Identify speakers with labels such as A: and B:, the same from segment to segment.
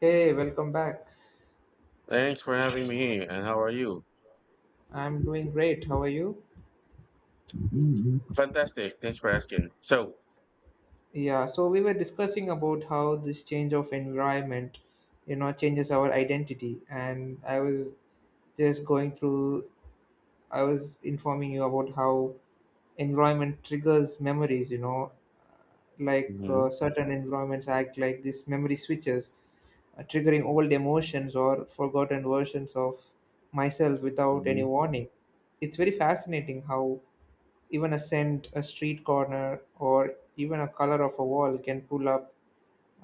A: Hey, welcome back.
B: Thanks for having me here. And how are you?
A: I'm doing great. How are you?
B: Fantastic. Thanks for asking. So,
A: Yeah, so we were discussing about how this change of environment, you know, changes our identity. And I was just going through, I was informing you about how environment triggers memories, you know, like
B: Mhm,
A: certain environments act like these memory switches, triggering old emotions or forgotten versions of myself without any
B: mhm.
A: warning. It's very fascinating how even a scent, a street corner, or even a color of a wall can pull up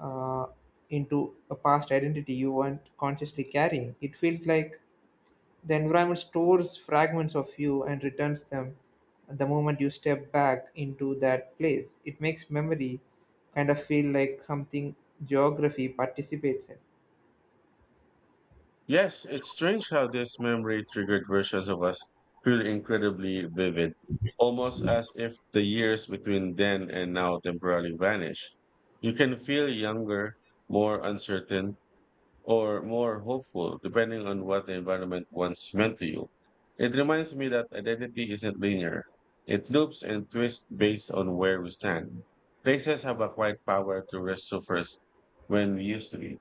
A: uh, into a past identity you weren't consciously carrying. It feels like the environment stores fragments of you and returns them the moment you step back into that place. It makes memory kind of feel like something geography participates in.
B: Yes, it's strange how this memory triggered versions of us feel incredibly vivid, almost as if the years between then and now temporarily vanish. You can feel younger, more uncertain, or more hopeful, depending on what the environment once meant to you. It reminds me that identity isn't linear. It loops and twists based on where we stand. Places have a quiet power to resurface when we used to be.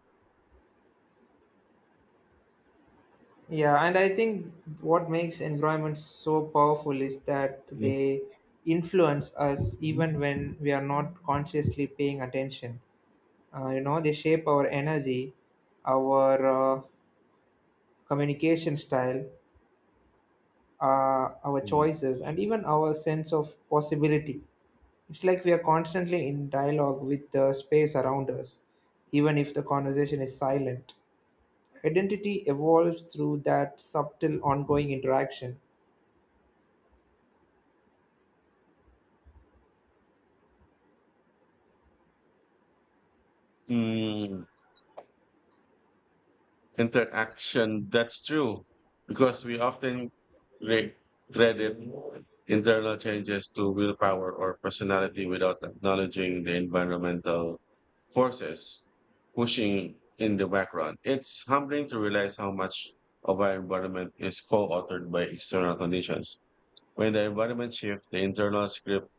A: Yeah, and I think what makes environments so powerful is that they influence us even when we are not consciously paying attention. You know, they shape our energy, our communication style, our
B: Mm.
A: choices, and even our sense of possibility. It's like we are constantly in dialogue with the space around us, even if the conversation is silent. Identity evolves through that subtle ongoing interaction.
B: Mm. Interaction. That's true, because we often re- credit internal changes to willpower or personality without acknowledging the environmental forces pushing in the background. It's humbling to realize how much of our environment is co-authored by external conditions. When the environment shifts, the internal script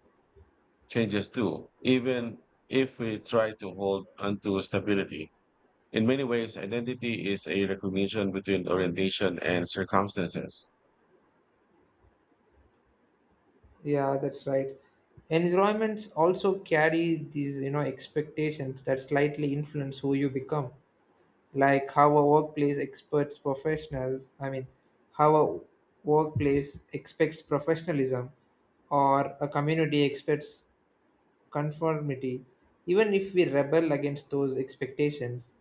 B: changes too, even if we try to hold onto stability. In many ways, identity is a recognition between orientation and circumstances.
A: Yeah, that's right. Environments also carry these, you know, expectations that slightly influence who you become. Like how a workplace expects professionalism or a community expects conformity. Even if we rebel against those expectations,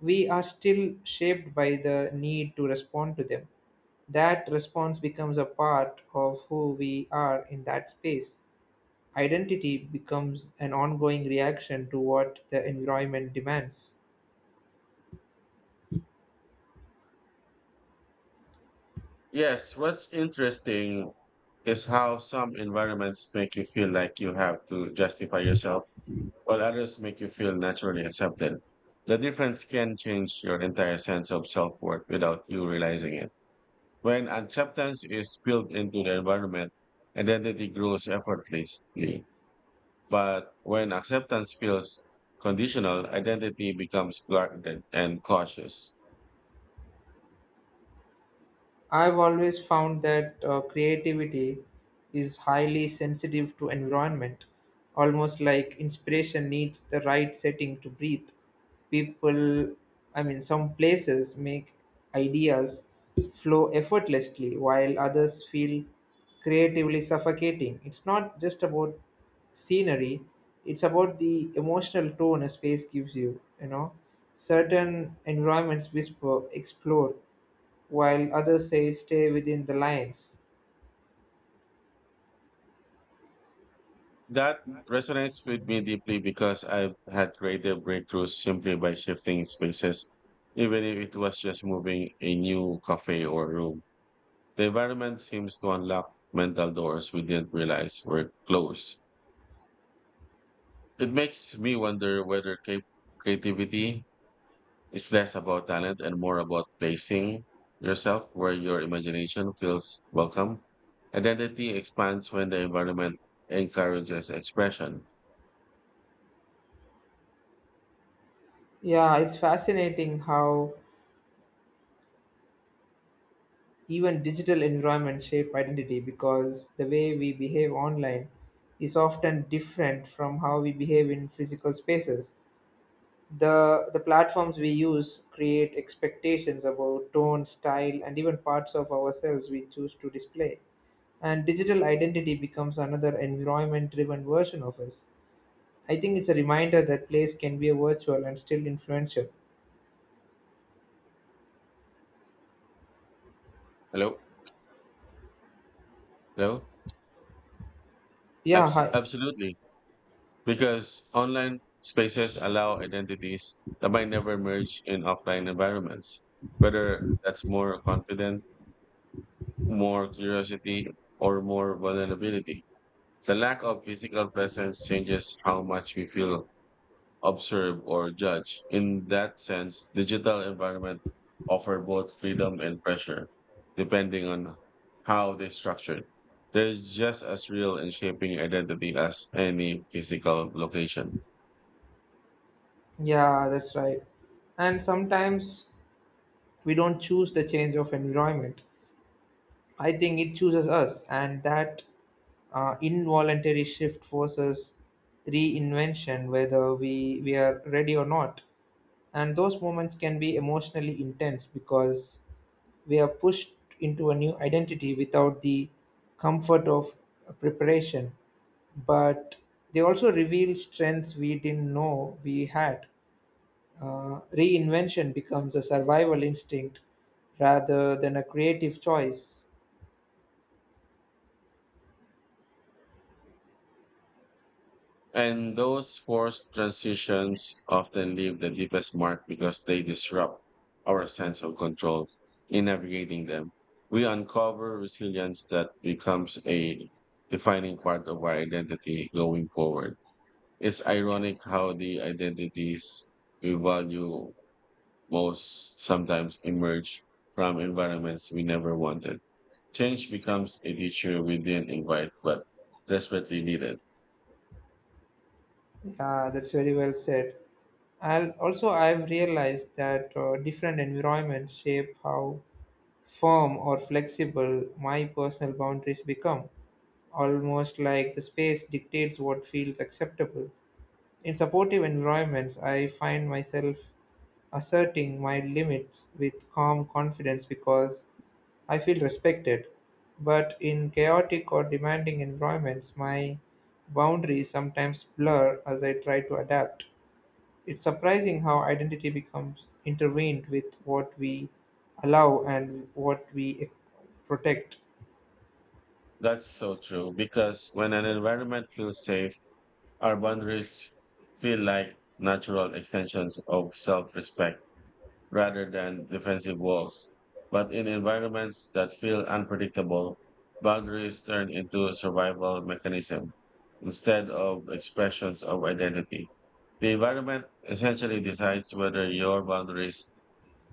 A: we are still shaped by the need to respond to them. That response becomes a part of who we are in that space. Identity becomes an ongoing reaction to what the environment demands.
B: Yes, what's interesting is how some environments make you feel like you have to justify yourself, while others make you feel naturally accepted. The difference can change your entire sense of self worth without you realizing it. When acceptance is built into the environment, identity grows effortlessly. But when acceptance feels conditional, identity becomes guarded and cautious.
A: I've always found that creativity is highly sensitive to environment, almost like inspiration needs the right setting to breathe. People, some places make ideas flow effortlessly while others feel creatively suffocating. It's not just about scenery, it's about the emotional tone a space gives you, you know. Certain environments whisper, explore, while others say stay within the lines.
B: That resonates with me deeply because I've had creative breakthroughs simply by shifting spaces, even if it was just moving a new cafe or room. The environment seems to unlock mental doors we didn't realize were closed. It makes me wonder whether creativity it's less about talent and more about placing yourself where your imagination feels welcome. Identity expands when the environment encourages expression.
A: Yeah, it's fascinating how even digital environments shape identity because the way we behave online is often different from how we behave in physical spaces. The platforms we use create expectations about tone, style, and even parts of ourselves we choose to display, and digital identity becomes another environment driven version of us. I think it's a reminder that place can be a virtual and still influential.
B: Hello? Hello?
A: Yeah, hi.
B: Absolutely. Because online spaces allow identities that might never merge in offline environments, whether that's more confident, more curiosity, or more vulnerability. The lack of physical presence changes how much we feel observe or judge. In that sense, digital environment offer both freedom and pressure, depending on how they're structured. They're just as real in shaping identity as any physical location.
A: Yeah, that's right. And sometimes we don't choose the change of environment. I think it chooses us, and that involuntary shift forces reinvention, whether we are ready or not. And those moments can be emotionally intense because we are pushed into a new identity without the comfort of preparation. But they also reveal strengths we didn't know we had. Reinvention becomes a survival instinct rather than a creative choice.
B: And those forced transitions often leave the deepest mark because they disrupt our sense of control in navigating them. We uncover resilience that becomes a defining part of our identity going forward. It's ironic how the identities we value most sometimes emerge from environments we never wanted. Change becomes a teacher we didn't invite but desperately needed.
A: Yeah, that's very well said. I've realized that different environments shape how firm or flexible my personal boundaries become, almost like the space dictates what feels acceptable. In supportive environments, I find myself asserting my limits with calm confidence because I feel respected. But in chaotic or demanding environments, my boundaries sometimes blur as I try to adapt. It's surprising how identity becomes intertwined with what we allow and what we protect.
B: That's so true because when an environment feels safe, our boundaries feel like natural extensions of self respect rather than defensive walls. But in environments that feel unpredictable, boundaries turn into a survival mechanism instead of expressions of identity. The environment essentially decides whether your boundaries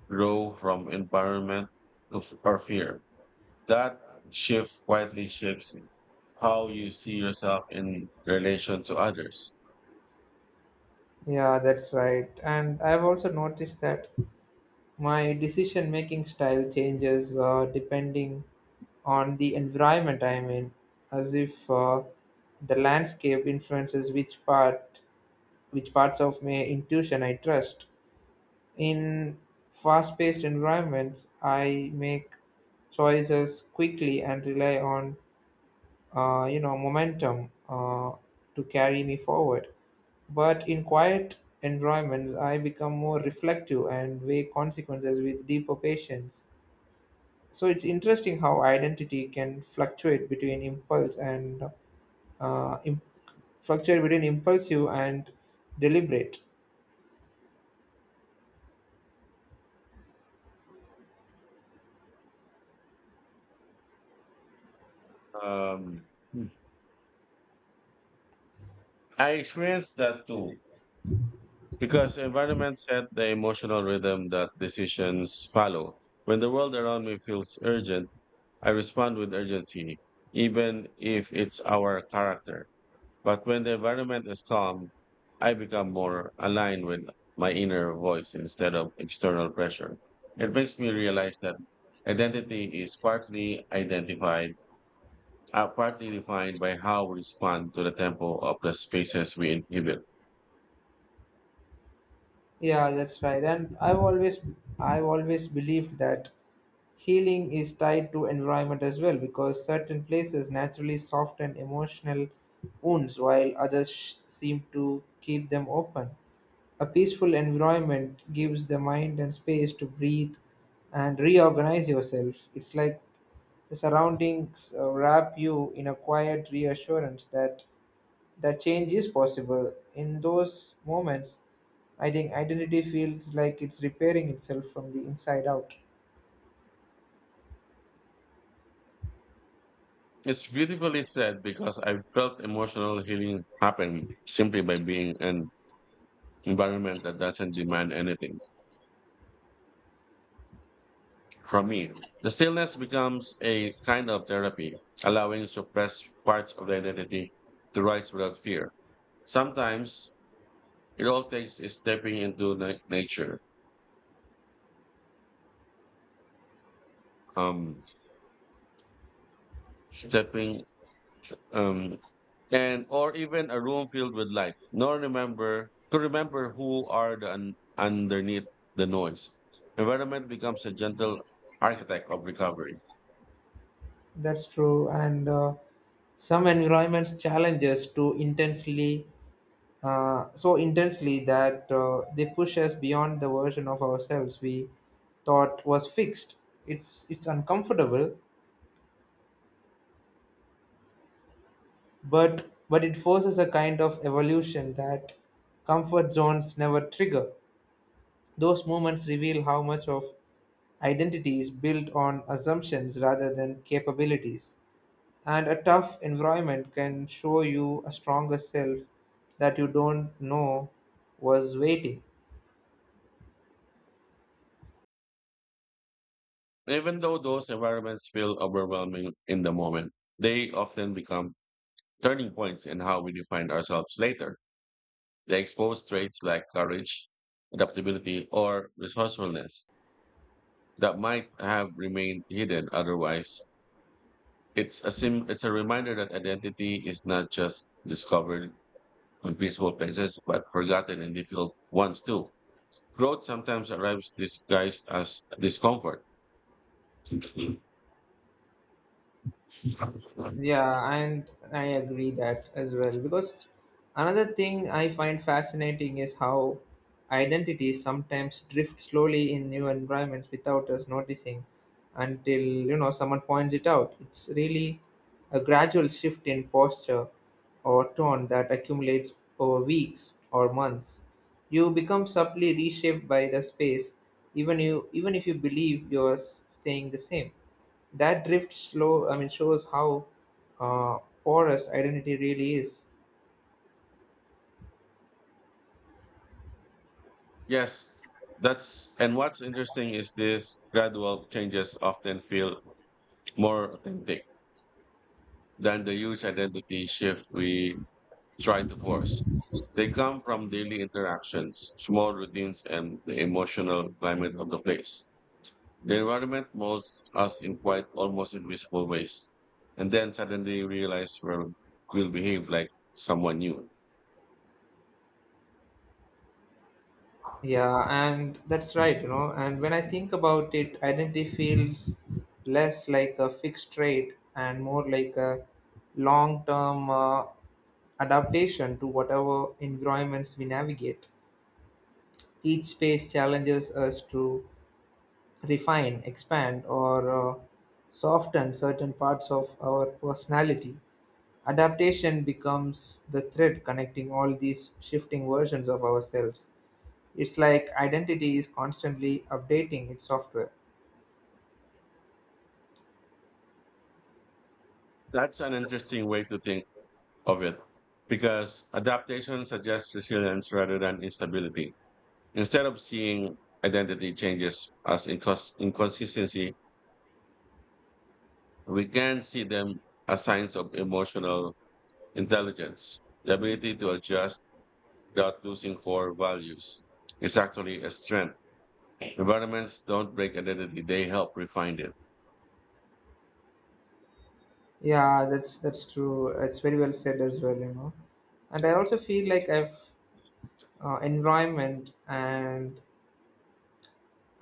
B: grow from or fear. That shift quietly shapes how you see yourself in relation to others.
A: Yeah, that's right. And I've also noticed that my decision making style changes depending on the environment I'm in, as if the landscape influences which parts of my intuition I trust. In fast paced environments, I make choices quickly and rely on you know, momentum to carry me forward. But in quiet environments, I become more reflective and weigh consequences with deeper patience. So it's interesting how identity can fluctuate between uh, im- impulsive and deliberate.
B: Um, I experienced that too. Because environment set the emotional rhythm that decisions follow. When the world around me feels urgent, I respond with urgency, even if it's our character. But when the environment is calm, I become more aligned with my inner voice instead of external pressure. It makes me realize that identity is partly defined by how we respond to the tempo of the spaces we inhabit.
A: Yeah, that's right. And I've always believed that healing is tied to environment as well because certain places naturally soften emotional wounds while others seem to keep them open. A peaceful environment gives the mind and space to breathe and reorganize yourself. It's like the surroundings wrap you in a quiet reassurance that change is possible. In those moments, I think identity feels like it's repairing itself from the inside out.
B: It's beautifully said because I felt emotional healing happen simply by being an environment that doesn't demand anything from me. The stillness becomes a kind of therapy, allowing suppressed parts of the identity to rise without fear. Sometimes it all takes is stepping into nature, um, stepping um, and or even a room filled with light, nor remember to remember who are the underneath the noise. Environment becomes a gentle architect of recovery.
A: That's true, and some environments challenge us to intensely, so intensely that they push us beyond the version of ourselves we thought was fixed. It's uncomfortable, but it forces a kind of evolution that comfort zones never trigger. Those moments reveal how much of identity is built on assumptions rather than capabilities. And a tough environment can show you a stronger self that you don't know was waiting.
B: Even though those environments feel overwhelming in the moment, they often become turning points in how we define ourselves later. They expose traits like courage, adaptability, or resourcefulness that might have remained hidden otherwise. It's a reminder that identity is not just discovered in peaceful places, but forgotten in difficult ones too. Growth sometimes arrives disguised as discomfort.
A: Yeah, and I agree that as well. Because another thing I find fascinating is how identities sometimes drift slowly in new environments without us noticing until, you know, someone points it out. It's really a gradual shift in posture or tone that accumulates over weeks or months. You become subtly reshaped by the space, even if you believe staying the same. That drift shows how uh, porous identity really is.
B: Yes, that's, and what's interesting is this gradual changes often feel more authentic than the huge identity shift we try to force. They come from daily interactions, small routines, and the emotional climate of the place. The environment molds us in quite almost invisible ways. And then suddenly realize we'll behave like someone new.
A: Yeah, and that's right, you know. And when I think about it, identity feels less like a fixed trait and more like a long term adaptation to whatever environments we navigate. Each space challenges us to refine, expand, or soften certain parts of our personality. Adaptation becomes the thread connecting all these shifting versions of ourselves. It's like identity is constantly updating its software.
B: That's an interesting way to think of it because adaptation suggests resilience rather than instability. Instead of seeing identity changes as inconsistency, we can see them as signs of emotional intelligence, the ability to adjust without losing core values. Is actually a strength. Environments don't break identity, they help refine it.
A: Yeah, that's true. It's very well said as well, you know. And I also feel like I've environment and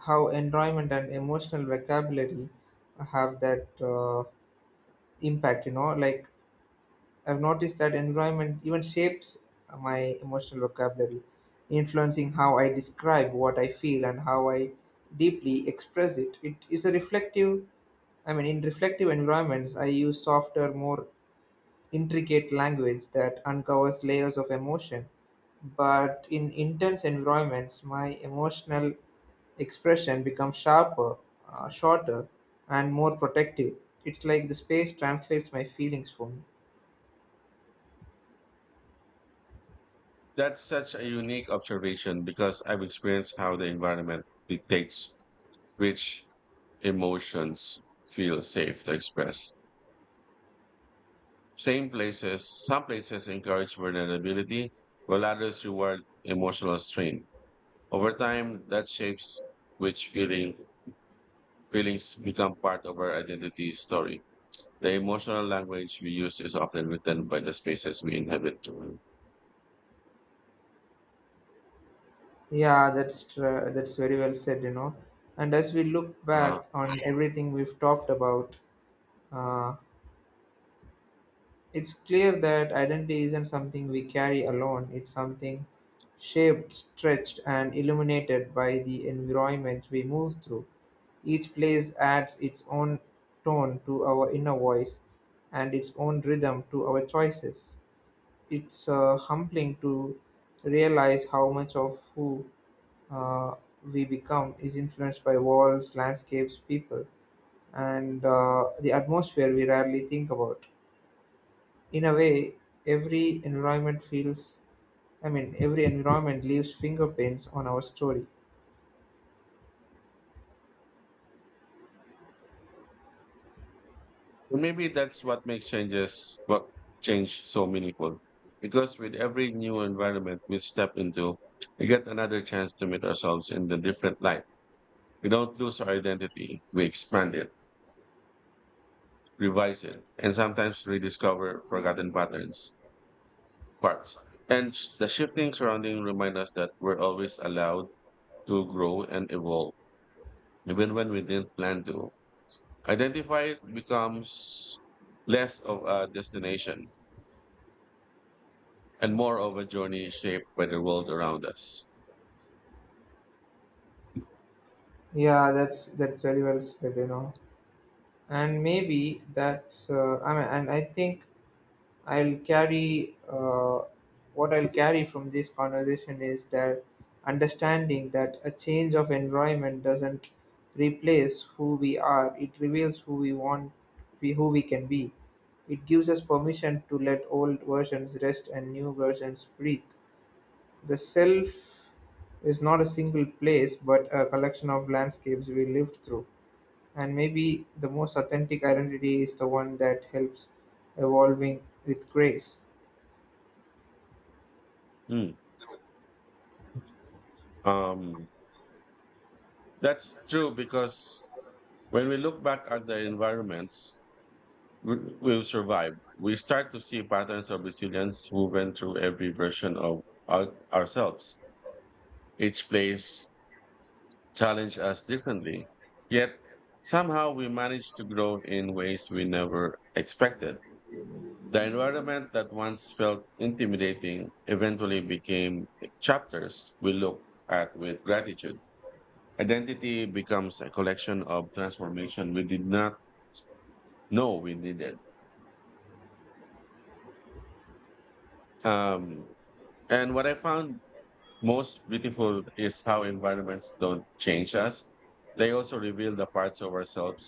A: how environment and emotional vocabulary have that impact. You know, like I've noticed that environment even shapes my emotional vocabulary, influencing how I describe what I feel and how I deeply express it. It is a reflective, I mean, In reflective environments, I use softer, more intricate language that uncovers layers of emotion. But in intense environments, my emotional expression becomes sharper, shorter, and more protective. It's like the space translates my feelings for me.
B: That's such a unique observation because I've experienced how the environment dictates which emotions feel safe to express. Some places encourage vulnerability, while others reward emotional strain. Over time, that shapes which feelings become part of our identity story. The emotional language we use is often written by the spaces we inhabit. Uh-huh.
A: That's very well said, you know. And as we look back on everything we've talked about, uh, it's clear that identity isn't something we carry alone. It's something shaped, stretched, and illuminated by the environment we move through. Each place adds its own tone to our inner voice and its own rhythm to our choices. It's humbling to realize how much of who uh, we become is influenced by walls, landscapes, people, and the atmosphere we rarely think about. In a way, every environment feels, I mean, every environment leaves fingerprints on our story.
B: And maybe that's what makes change so meaningful. Because with every new environment we step into, we get another chance to meet ourselves in the different light. We don't lose our identity. We expand it, revise it, and sometimes rediscover forgotten parts. And the shifting surrounding remind us that we're always allowed to grow and evolve, even when we didn't plan to. Identify becomes less of a destination and more of a journey shaped by the world around us.
A: Yeah, that's very well said, you know. And maybe that's, I mean, and I think I'll carry what I'll carry from this conversation is that understanding that a change of environment doesn't replace who we are. It reveals be who we can be. It gives us permission to let old versions rest and new versions breathe. The self is not a single place, but a collection of landscapes we lived through. And maybe the most authentic identity is the one that helps evolving with grace.
B: Hmm. Um, that's true because when we look back at the environments we will survive. We start to see patterns of resilience woven through every version of ourselves. Each place challenge us differently, yet somehow we manage to grow in ways we never expected. The environment that once felt intimidating eventually became chapters we look at with gratitude. Identity becomes a collection of transformation we did not know we needed. Um, and what I found most beautiful is how environments don't change us. They also reveal the parts of ourselves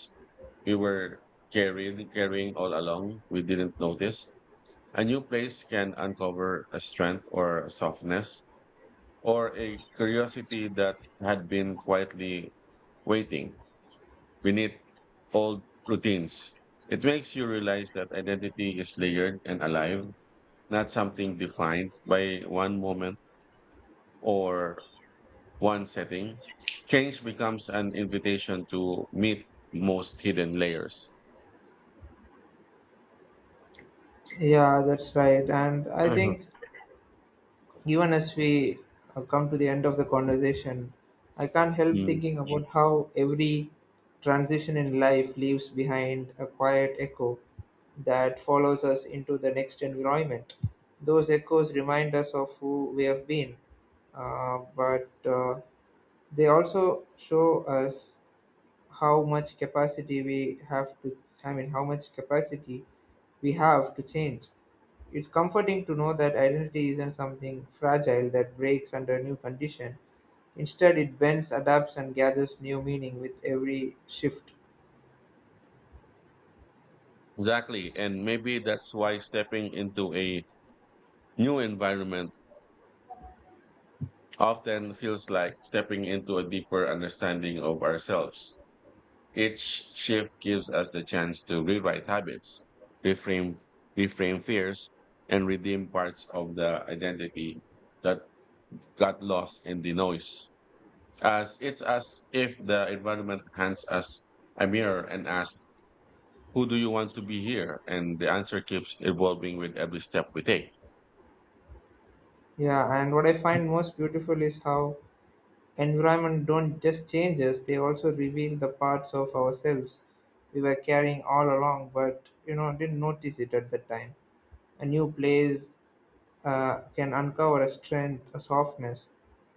B: we were carrying all along we didn't notice. A new place can uncover a strength or a softness or a curiosity that had been quietly waiting beneath old routines. It makes you realize that identity is layered and alive, not something defined by one moment or one setting. Change becomes an invitation to meet most hidden layers.
A: Yeah, that's right. And I
B: Mhm.
A: think even as we come to the end of the conversation, I can't help
B: Mm,
A: thinking about how every transition in life leaves behind a quiet echo that follows us into the next environment. Those echoes remind us of who we have been, but they also show us how much capacity we have to, how much capacity we have to change. It's comforting to know that identity isn't something fragile that breaks under new condition. Instead, it bends, adapts, and gathers new meaning with every shift.
B: Exactly. And maybe that's why stepping into a new environment often feels like stepping into a deeper understanding of ourselves. Each shift gives us the chance to rewrite habits, reframe, reframe fears, and redeem parts of the identity that got lost in the noise. As it's as if the environment hands us a mirror and asks, "Who do you want to be here?" And the answer keeps evolving with every step we take.
A: Yeah, and what I find most beautiful is how environment don't just change us; they also reveal the parts of ourselves we were carrying all along, but, you know, didn't notice it at the time. A new place, can uncover a strength, a softness,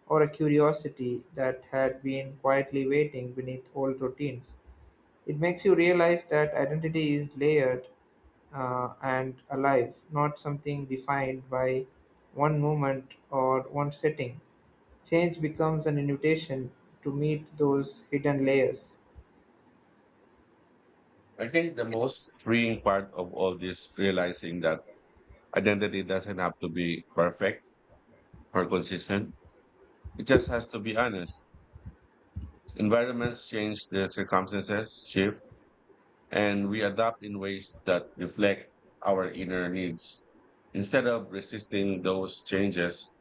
A: or a curiosity that had been quietly waiting beneath old routines. It makes you realize that identity is layered and alive, not something defined by one moment or one setting. Change becomes an invitation to meet those hidden layers.
B: I think the most freeing part of all this realizing that identity doesn't have to be perfect or consistent. It just has to be honest. Environments change, the circumstances shift, and we adapt in ways that reflect our inner needs. Instead of resisting those changes,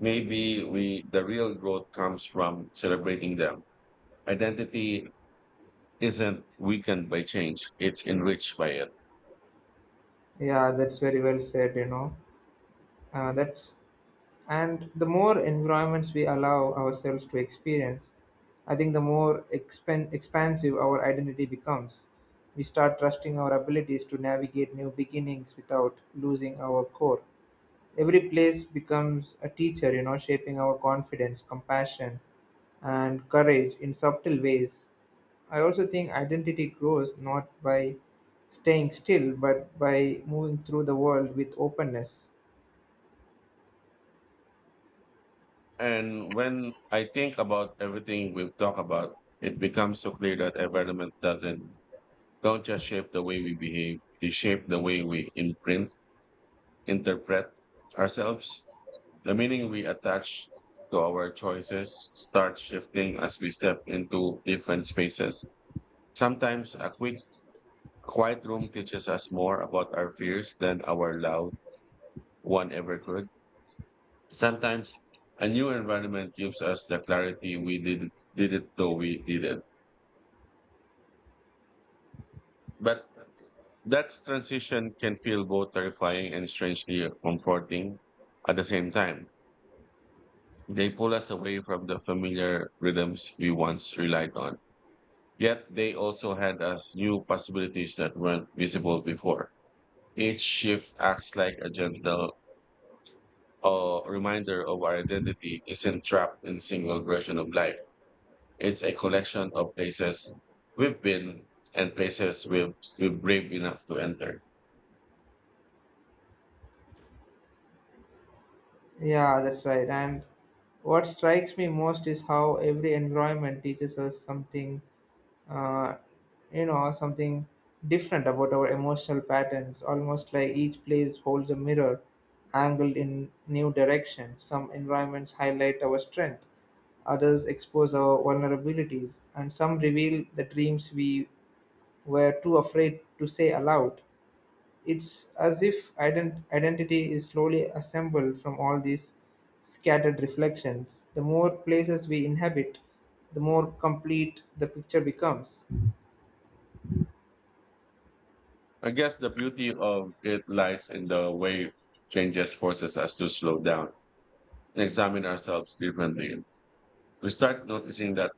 B: maybe we the real growth comes from celebrating them. Identity isn't weakened by change, it's enriched by it.
A: Yeah, that's very well said, you know. That's And the more environments we allow ourselves to experience, I think the more expansive our identity becomes. We start trusting our abilities to navigate new beginnings without losing our core. Every place becomes a teacher, you know, shaping our confidence, compassion, and courage in subtle ways. I also think identity grows not by staying still, but by moving through the world with openness.
B: And when I think about everything we've talked about, it becomes so clear that environment doesn't don't just shape the way we behave, they shape the way we interpret ourselves. The meaning we attach to our choices start shifting as we step into different spaces. Sometimes a quick quiet room teaches us more about our fears than our loud one ever could. Sometimes a new environment gives us the clarity we didn't know we needed. But that transition can feel both terrifying and strangely comforting at the same time. They pull us away from the familiar rhythms we once relied on. Yet they also hand us new possibilities that weren't visible before. Each shift acts like a reminder of our identity isn't trapped in single version of life. It's a collection of places we've been and places we've brave enough to enter.
A: Yeah, that's right. And what strikes me most is how every environment teaches us something, uh, you know, something different about our emotional patterns. Almost like each place holds a mirror angled in new direction. Some environments highlight our strength, others expose our vulnerabilities, and some reveal the dreams we were too afraid to say aloud. It's as if identity is slowly assembled from all these scattered reflections. The more places we inhabit, the more complete the picture becomes.
B: I guess the beauty of it lies in the way changes forces us to slow down and examine ourselves differently. We start noticing that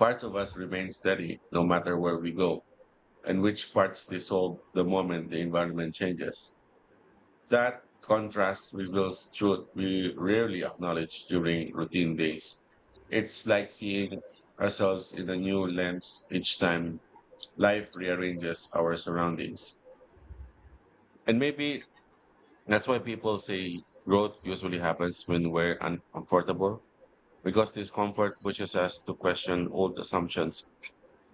B: parts of us remain steady no matter where we go and which parts dissolve the moment the environment changes. That contrast reveals truth we rarely acknowledge during routine days. It's like seeing ourselves in a new lens each time life rearranges our surroundings. And maybe that's why people say growth usually happens when we're uncomfortable, because discomfort pushes us to question old assumptions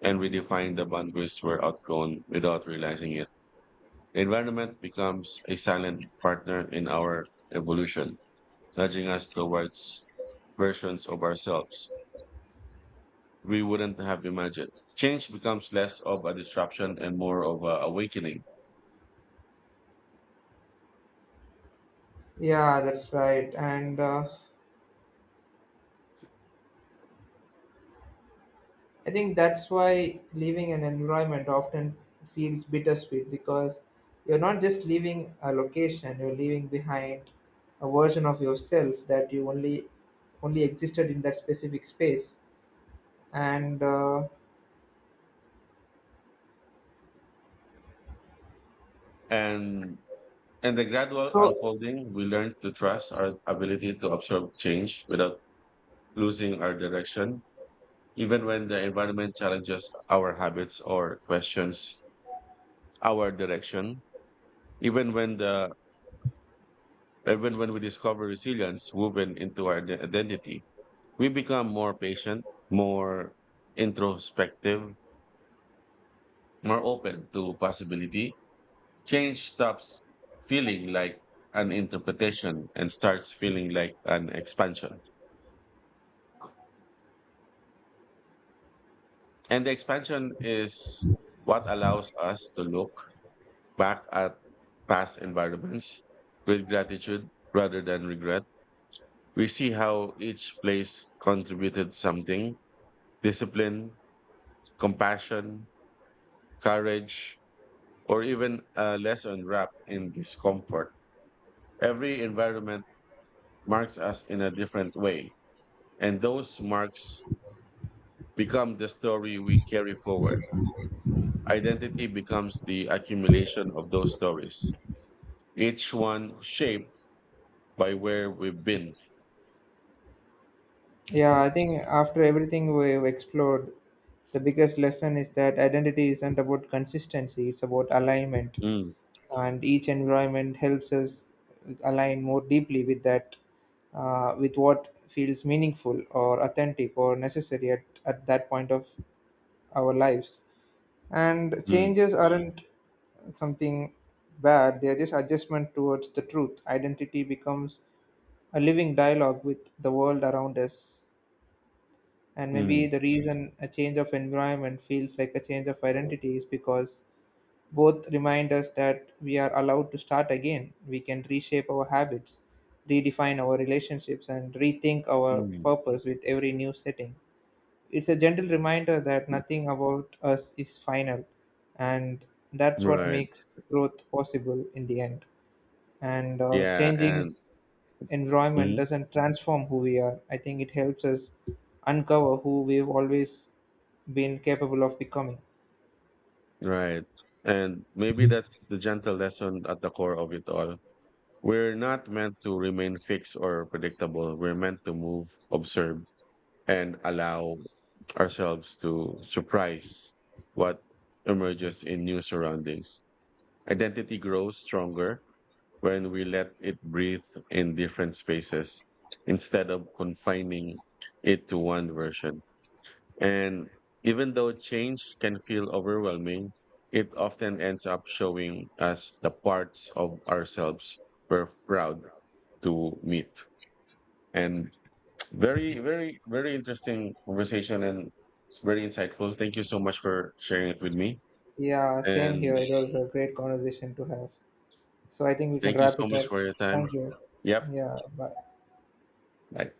B: and redefine the boundaries we're outgrown without realizing it. The environment becomes a silent partner in our evolution. Judging us towards versions of ourselves we wouldn't have imagined. Change becomes less of a disruption and more of a awakening.
A: Yeah, that's right. And I think that's why leaving an environment often feels bittersweet because you're not just leaving a location, you're leaving behind a version of yourself that you only only existed in that specific space. And
B: And and the gradual
A: so
B: unfolding, we learn to trust our ability to absorb change without losing our direction, even when the environment challenges our habits or questions our direction. Even when the Even when we discover resilience woven into our identity, we become more patient, more introspective, more open to possibility. Change stops feeling like an interpretation and starts feeling like an expansion. And the expansion is what allows us to look back at past environments with gratitude rather than regret. We see how each place contributed something, discipline, compassion, courage, or even a lesson wrapped in discomfort. Every environment marks us in a different way, and those marks become the story we carry forward. Identity becomes the accumulation of those stories, each one shaped by where we've been.
A: Yeah, I think after everything we've explored, the biggest lesson is that identity isn't about consistency, it's about alignment.
B: Mm,
A: And each environment helps us align more deeply with that, with what feels meaningful or authentic or necessary at that point of our lives. And
B: mm,
A: changes aren't something bad, they are just adjustment towards the truth. Identity becomes a living dialogue with the world around us, and maybe
B: mm,
A: the reason a change of environment feels like a change of identity is because both remind us that we are allowed to start again. We can reshape our habits, redefine our relationships, and rethink our
B: mm.
A: purpose with every new setting. It's a gentle reminder that nothing about us is final, and that's what
B: Right.
A: makes growth possible in the end. And
B: Yeah.
A: changing
B: And
A: environment
B: mhm,
A: doesn't transform who we are. I think it helps us uncover who we've always been capable of becoming.
B: right. And maybe that's the gentle lesson at the core of it all. We're not meant to remain fixed or predictable. We're meant to move, observe, and allow ourselves to surprise what emerges in new surroundings. Identity grows stronger when we let it breathe in different spaces instead of confining it to one version. And even though change can feel overwhelming, it often ends up showing us the parts of ourselves we're proud to meet. And very, very, very interesting conversation and it's very insightful. Thank you so much for sharing it with me.
A: Yeah, same here.
B: And
A: It was a great conversation to have. So I think we can
B: thank you
A: wrap
B: so
A: it
B: much
A: up.
B: for your time.
A: Thank you.
B: Yep.
A: Yeah, bye.
B: Bye.